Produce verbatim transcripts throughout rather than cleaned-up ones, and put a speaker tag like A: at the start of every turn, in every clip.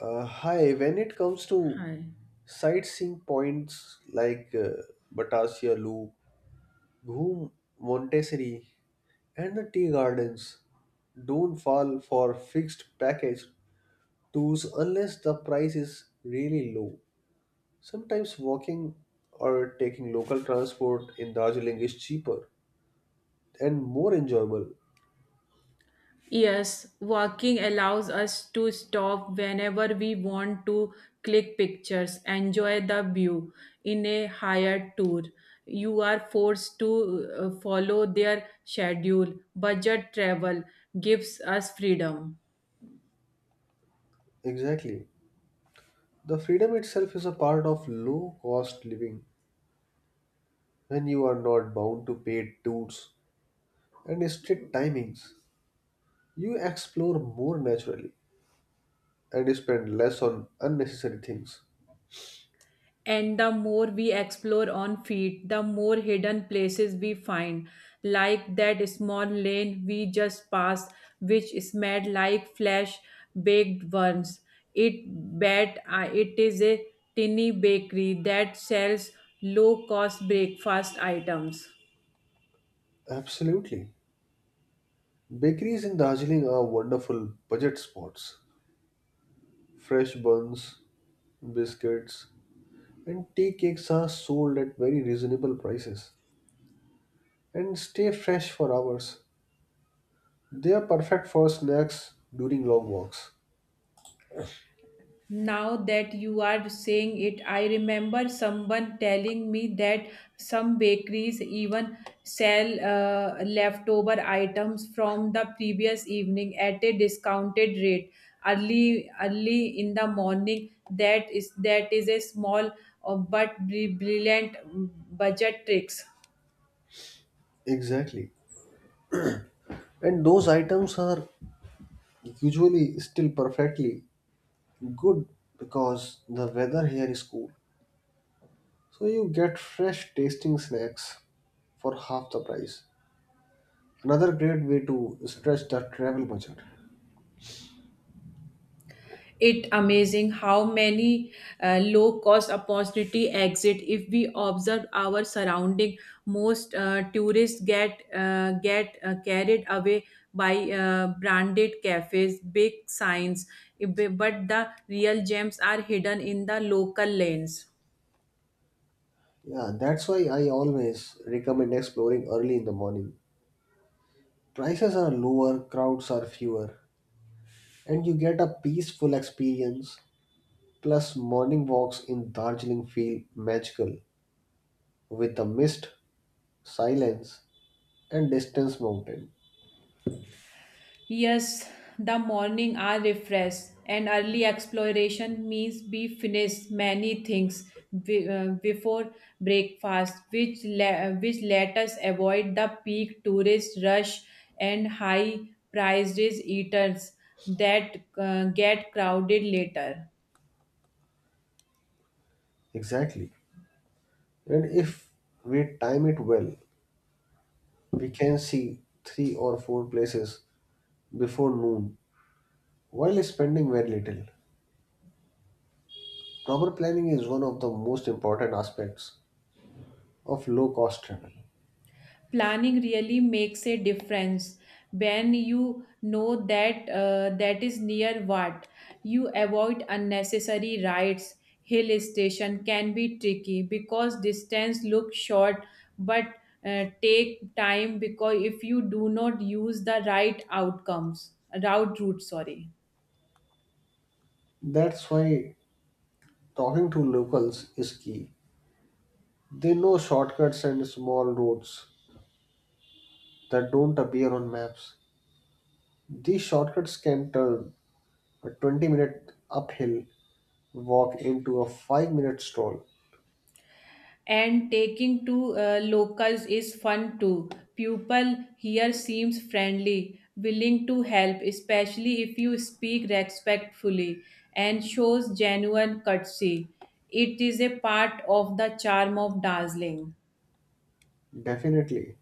A: Uh, hi, when it comes to
B: Hi.
A: sightseeing points like uh, Batasia Loop, Ghum Montessori, and the tea gardens, don't fall for fixed package tours unless the price is really low. Sometimes walking or taking local transport in Darjeeling is cheaper and more enjoyable.
B: Yes, walking allows us to stop whenever we want to click pictures, enjoy the view in a higher tour. You are forced to uh, follow their schedule. Budget travel gives us freedom.
A: Exactly. The freedom itself is a part of low cost living. When you are not bound to paid tours and strict timings, you explore more naturally and spend less on unnecessary things.
B: And the more we explore on feet, the more hidden places we find, like that small lane we just passed which smelled like flesh baked worms. It bet, uh, it is a tiny bakery that sells low cost breakfast items.
A: Absolutely. Bakeries in Darjeeling are wonderful budget spots. Fresh buns, biscuits, and tea cakes are sold at very reasonable prices and stay fresh for hours. They are perfect for snacks during long walks.
B: Now that you are saying it, I remember someone telling me that some bakeries even sell uh, leftover items from the previous evening at a discounted rate early early in the morning. That is that is a small, uh, but bri- brilliant mm, budget tricks.
A: Exactly. And those items are usually still perfectly good because the weather here is cool. So you get fresh tasting snacks for half the price. Another great way to stretch the travel budget.
B: It amazing how many uh, low cost opportunity exit if we observe our surrounding. Most uh, tourists get uh, get uh, carried away by uh, branded cafes, big signs, but the real gems are hidden in the local lanes.
A: Yeah, that's why I always recommend exploring early in the morning. Prices are lower, crowds are fewer, and you get a peaceful experience. Plus, morning walks in Darjeeling feel magical with the mist, silence, and distance mountain.
B: Yes, the morning are refreshed and early exploration means we finish many things be- uh, before breakfast, which le- uh, which let us avoid the peak tourist rush and high prices eaters that uh, get crowded later.
A: Exactly. And if we time it well, we can see three or four places before noon while spending very little. Proper planning is one of the most important aspects of low cost travel.
B: Planning really makes a difference. When you know that, uh, that is near what, you avoid unnecessary rides. Hill station can be tricky because distance looks short, but uh, take time because if you do not use the right outcomes, route route sorry.
A: That's why talking to locals is key. They know shortcuts and small roads that don't appear on maps. These shortcuts can turn a twenty minute uphill walk into a five minute stroll.
B: And taking to uh, locals is fun too. People here seems friendly, willing to help, especially if you speak respectfully and shows genuine courtesy. It is a part of the charm of dazzling.
A: Definitely.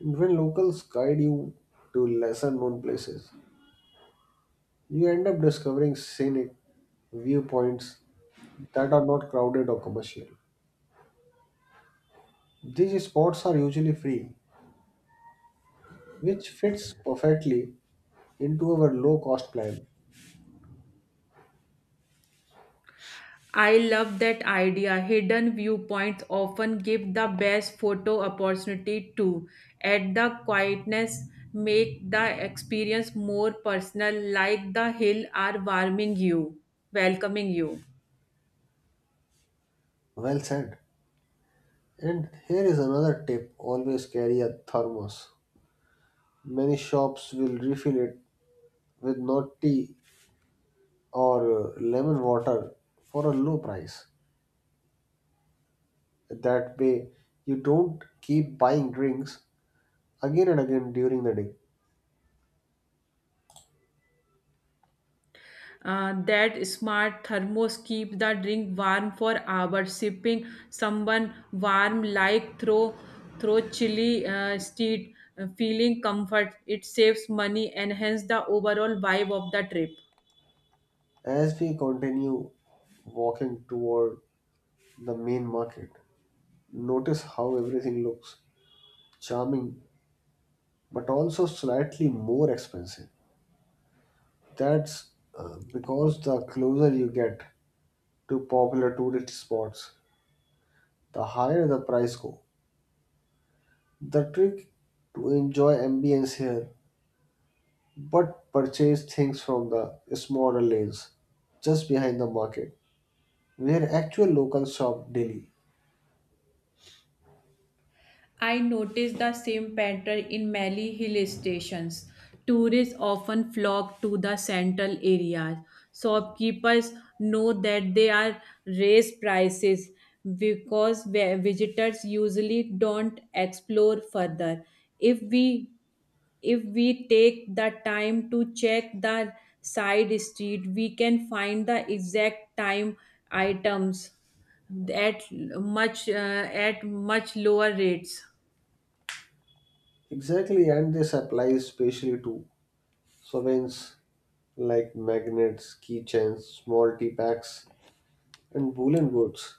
A: And when locals guide you to lesser known places, you end up discovering scenic viewpoints that are not crowded or commercial. These spots are usually free, which fits perfectly into our low cost plan.
B: I love that idea. Hidden viewpoints often give the best photo opportunity too. Add the quietness, make the experience more personal, like the hill are warming you, welcoming you.
A: Well said. And here is another tip: always carry a thermos. Many shops will refill it with not tea or uh, lemon water for a low price. That way, you don't keep buying drinks again and again during the day.
B: Uh, that smart thermos keep the drink warm for hours. Sipping someone warm like through through chilly uh, street, uh, feeling comfort. It saves money and hence the overall vibe of the trip.
A: As we continue walking toward the main market, notice how everything looks charming but also slightly more expensive. That's uh, because the closer you get to popular tourist spots, the higher the price go. The trick to enjoy ambience here but purchase things from the smaller lanes just behind the market where actual locals shop daily.
B: I noticed the same pattern in many hill stations. Tourists often flock to the central areas. Shopkeepers know that they are raised prices because vi- visitors usually don't explore further. If we if we take the time to check the side street, we can find the exact time items at much uh, at much lower rates.
A: Exactly, and this applies especially to souvenirs like magnets, keychains, small tea packs, and woolen goods.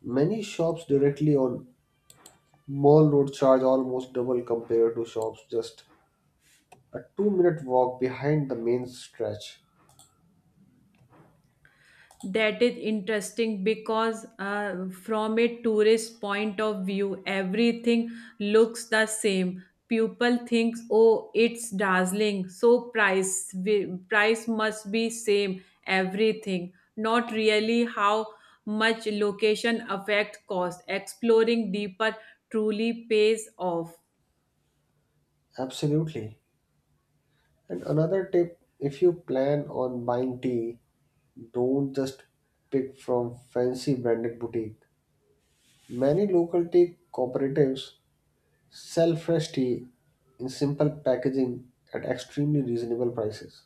A: Many shops directly on Mall Road charge almost double compared to shops just a two minute walk behind the main stretch.
B: That is interesting because, uh, from a tourist point of view, everything looks the same. People thinks, oh, it's dazzling, so price wi- price must be same everything, not really how much location affect cost. Exploring deeper truly pays off.
A: Absolutely. And another tip: if you plan on buying tea, don't just pick from fancy branded boutique. Many local tea cooperatives sell fresh tea in simple packaging at extremely reasonable prices.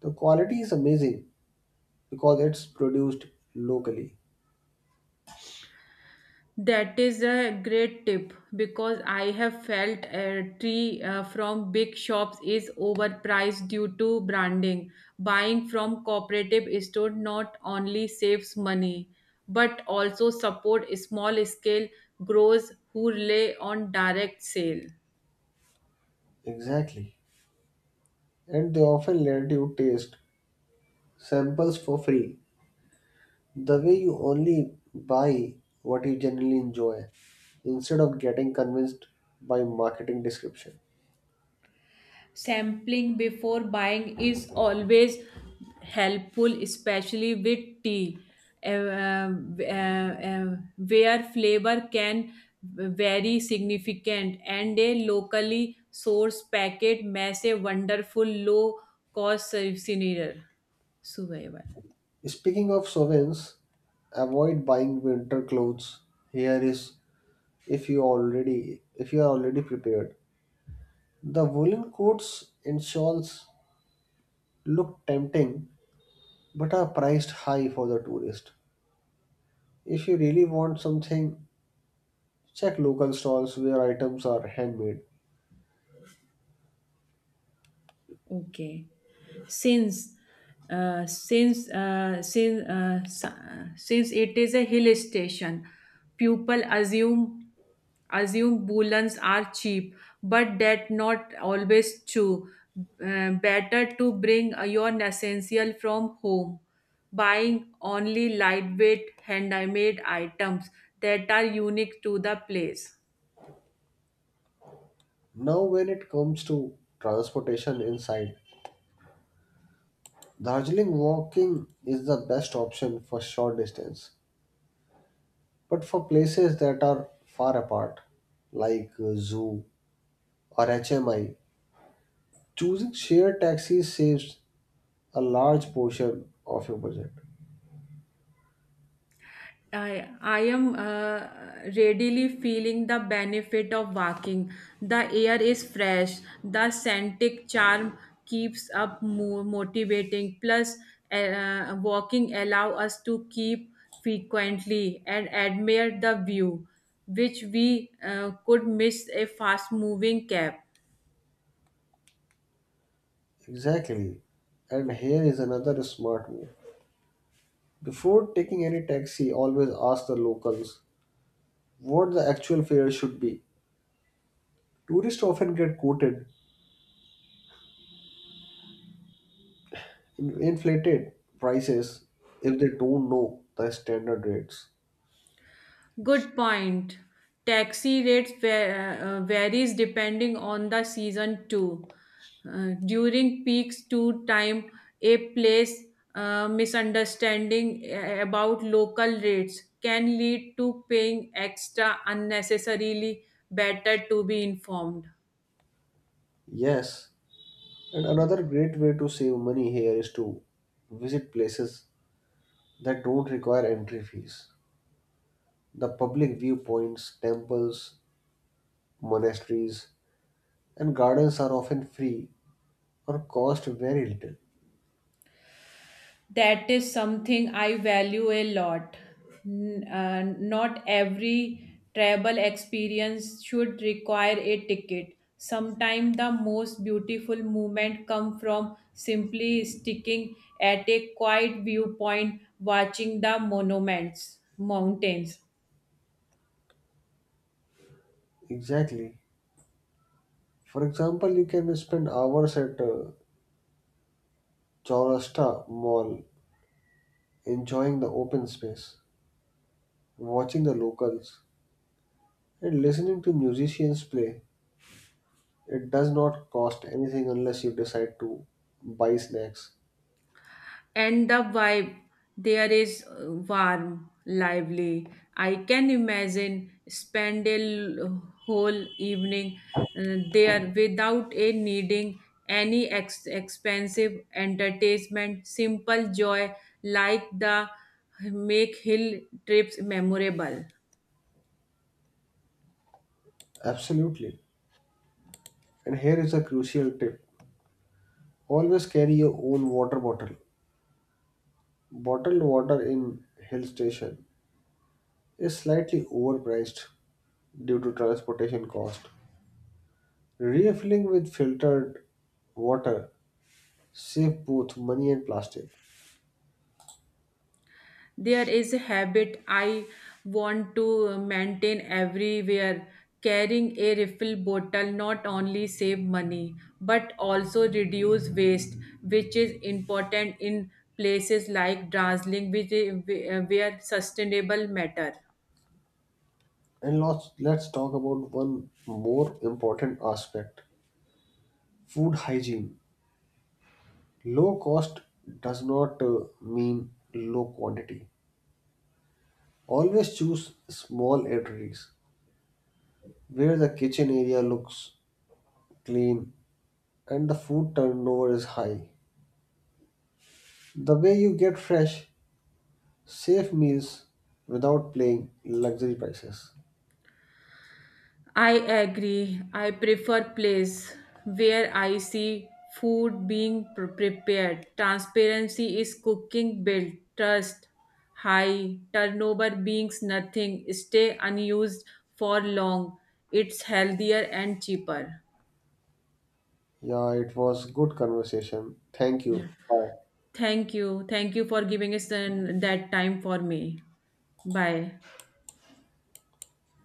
A: The quality is amazing because it's produced locally.
B: That is a great tip because I have felt a tree, uh, from big shops is overpriced due to branding. Buying from cooperative store not only saves money but also support small scale growers who rely on direct sale.
A: Exactly. And they often let you taste samples for free. The way you only buy what you generally enjoy instead of getting convinced by marketing description.
B: Sampling before buying is always helpful, especially with tea, uh, um, uh, uh, where flavor can vary significant, and a locally sourced packet makes a wonderful low cost souvenir. Survival.
A: Speaking of sovereigns, avoid buying winter clothes. Here is if you already if you are already prepared. The woolen coats and shawls look tempting but are priced high for the tourist. If you really want something, check local stalls where items are handmade.
B: Okay. Since uh, since uh, since uh, sa- since it is a hill station, people assume assume woolens are cheap, but that not always true. Uh, better to bring uh, your essential from home, buying only lightweight handmade items that are unique to the place.
A: Now, when it comes to transportation inside, Darjeeling walking is the best option for short distance, but for places that are far apart, like uh, zoo or H M I, choosing shared taxis saves a large portion of your budget.
B: I, I am uh, readily feeling the benefit of walking. The air is fresh. The scented charm keeps up mo- motivating. Plus, uh, walking allow us to keep frequently and admire the view, which we uh, could miss a fast moving cab.
A: Exactly. And here is another smart move. Before taking any taxi, always ask the locals what the actual fare should be. Tourists often get quoted in inflated prices if they don't know the standard rates.
B: Good point. Taxi rates va- uh, varies depending on the season too. Uh, during peaks to time, a place uh, misunderstanding uh, about local rates can lead to paying extra unnecessarily. Better to be informed.
A: Yes, and another great way to save money here is to visit places that don't require entry fees. The public viewpoints, temples, monasteries, and gardens are often free or cost very little.
B: That is something I value a lot. N- uh, not every travel experience should require a ticket. Sometimes the most beautiful moment come from simply sticking at a quiet viewpoint, watching the monuments, mountains,
A: Exactly. For example, you can spend hours at uh, Chaurasta Mall enjoying the open space, watching the locals, and listening to musicians play. It does not cost anything unless you decide to buy snacks.
B: and the vibe there is, uh, warm, lively. I can imagine spend a l- whole evening uh, there without a needing any ex- expensive entertainment. Simple joy like the make hill trips memorable.
A: Absolutely. And here is a crucial tip: always carry your own water bottle. Bottled water in hill station is slightly overpriced due to transportation cost. Refilling with filtered water save both money and plastic.
B: There is a habit I want to maintain everywhere. Carrying a refill bottle not only save money but also reduce waste, which is important in places like Darjeeling, which- where sustainable matter.
A: And let's, let's talk about one more important aspect: food hygiene. Low cost does not uh, mean low quantity. Always choose small eateries where the kitchen area looks clean and the food turnover is high. The way you get fresh, safe meals without paying luxury prices.
B: I agree. I prefer place where I see food being pre- prepared. Transparency is cooking built. Trust high. Turnover beings nothing. Stay unused for long. It's healthier and cheaper.
A: Yeah, it was good conversation. Thank
B: Yeah.
A: you. Bye.
B: Thank you. Thank you for giving us uh, that time for me. Bye.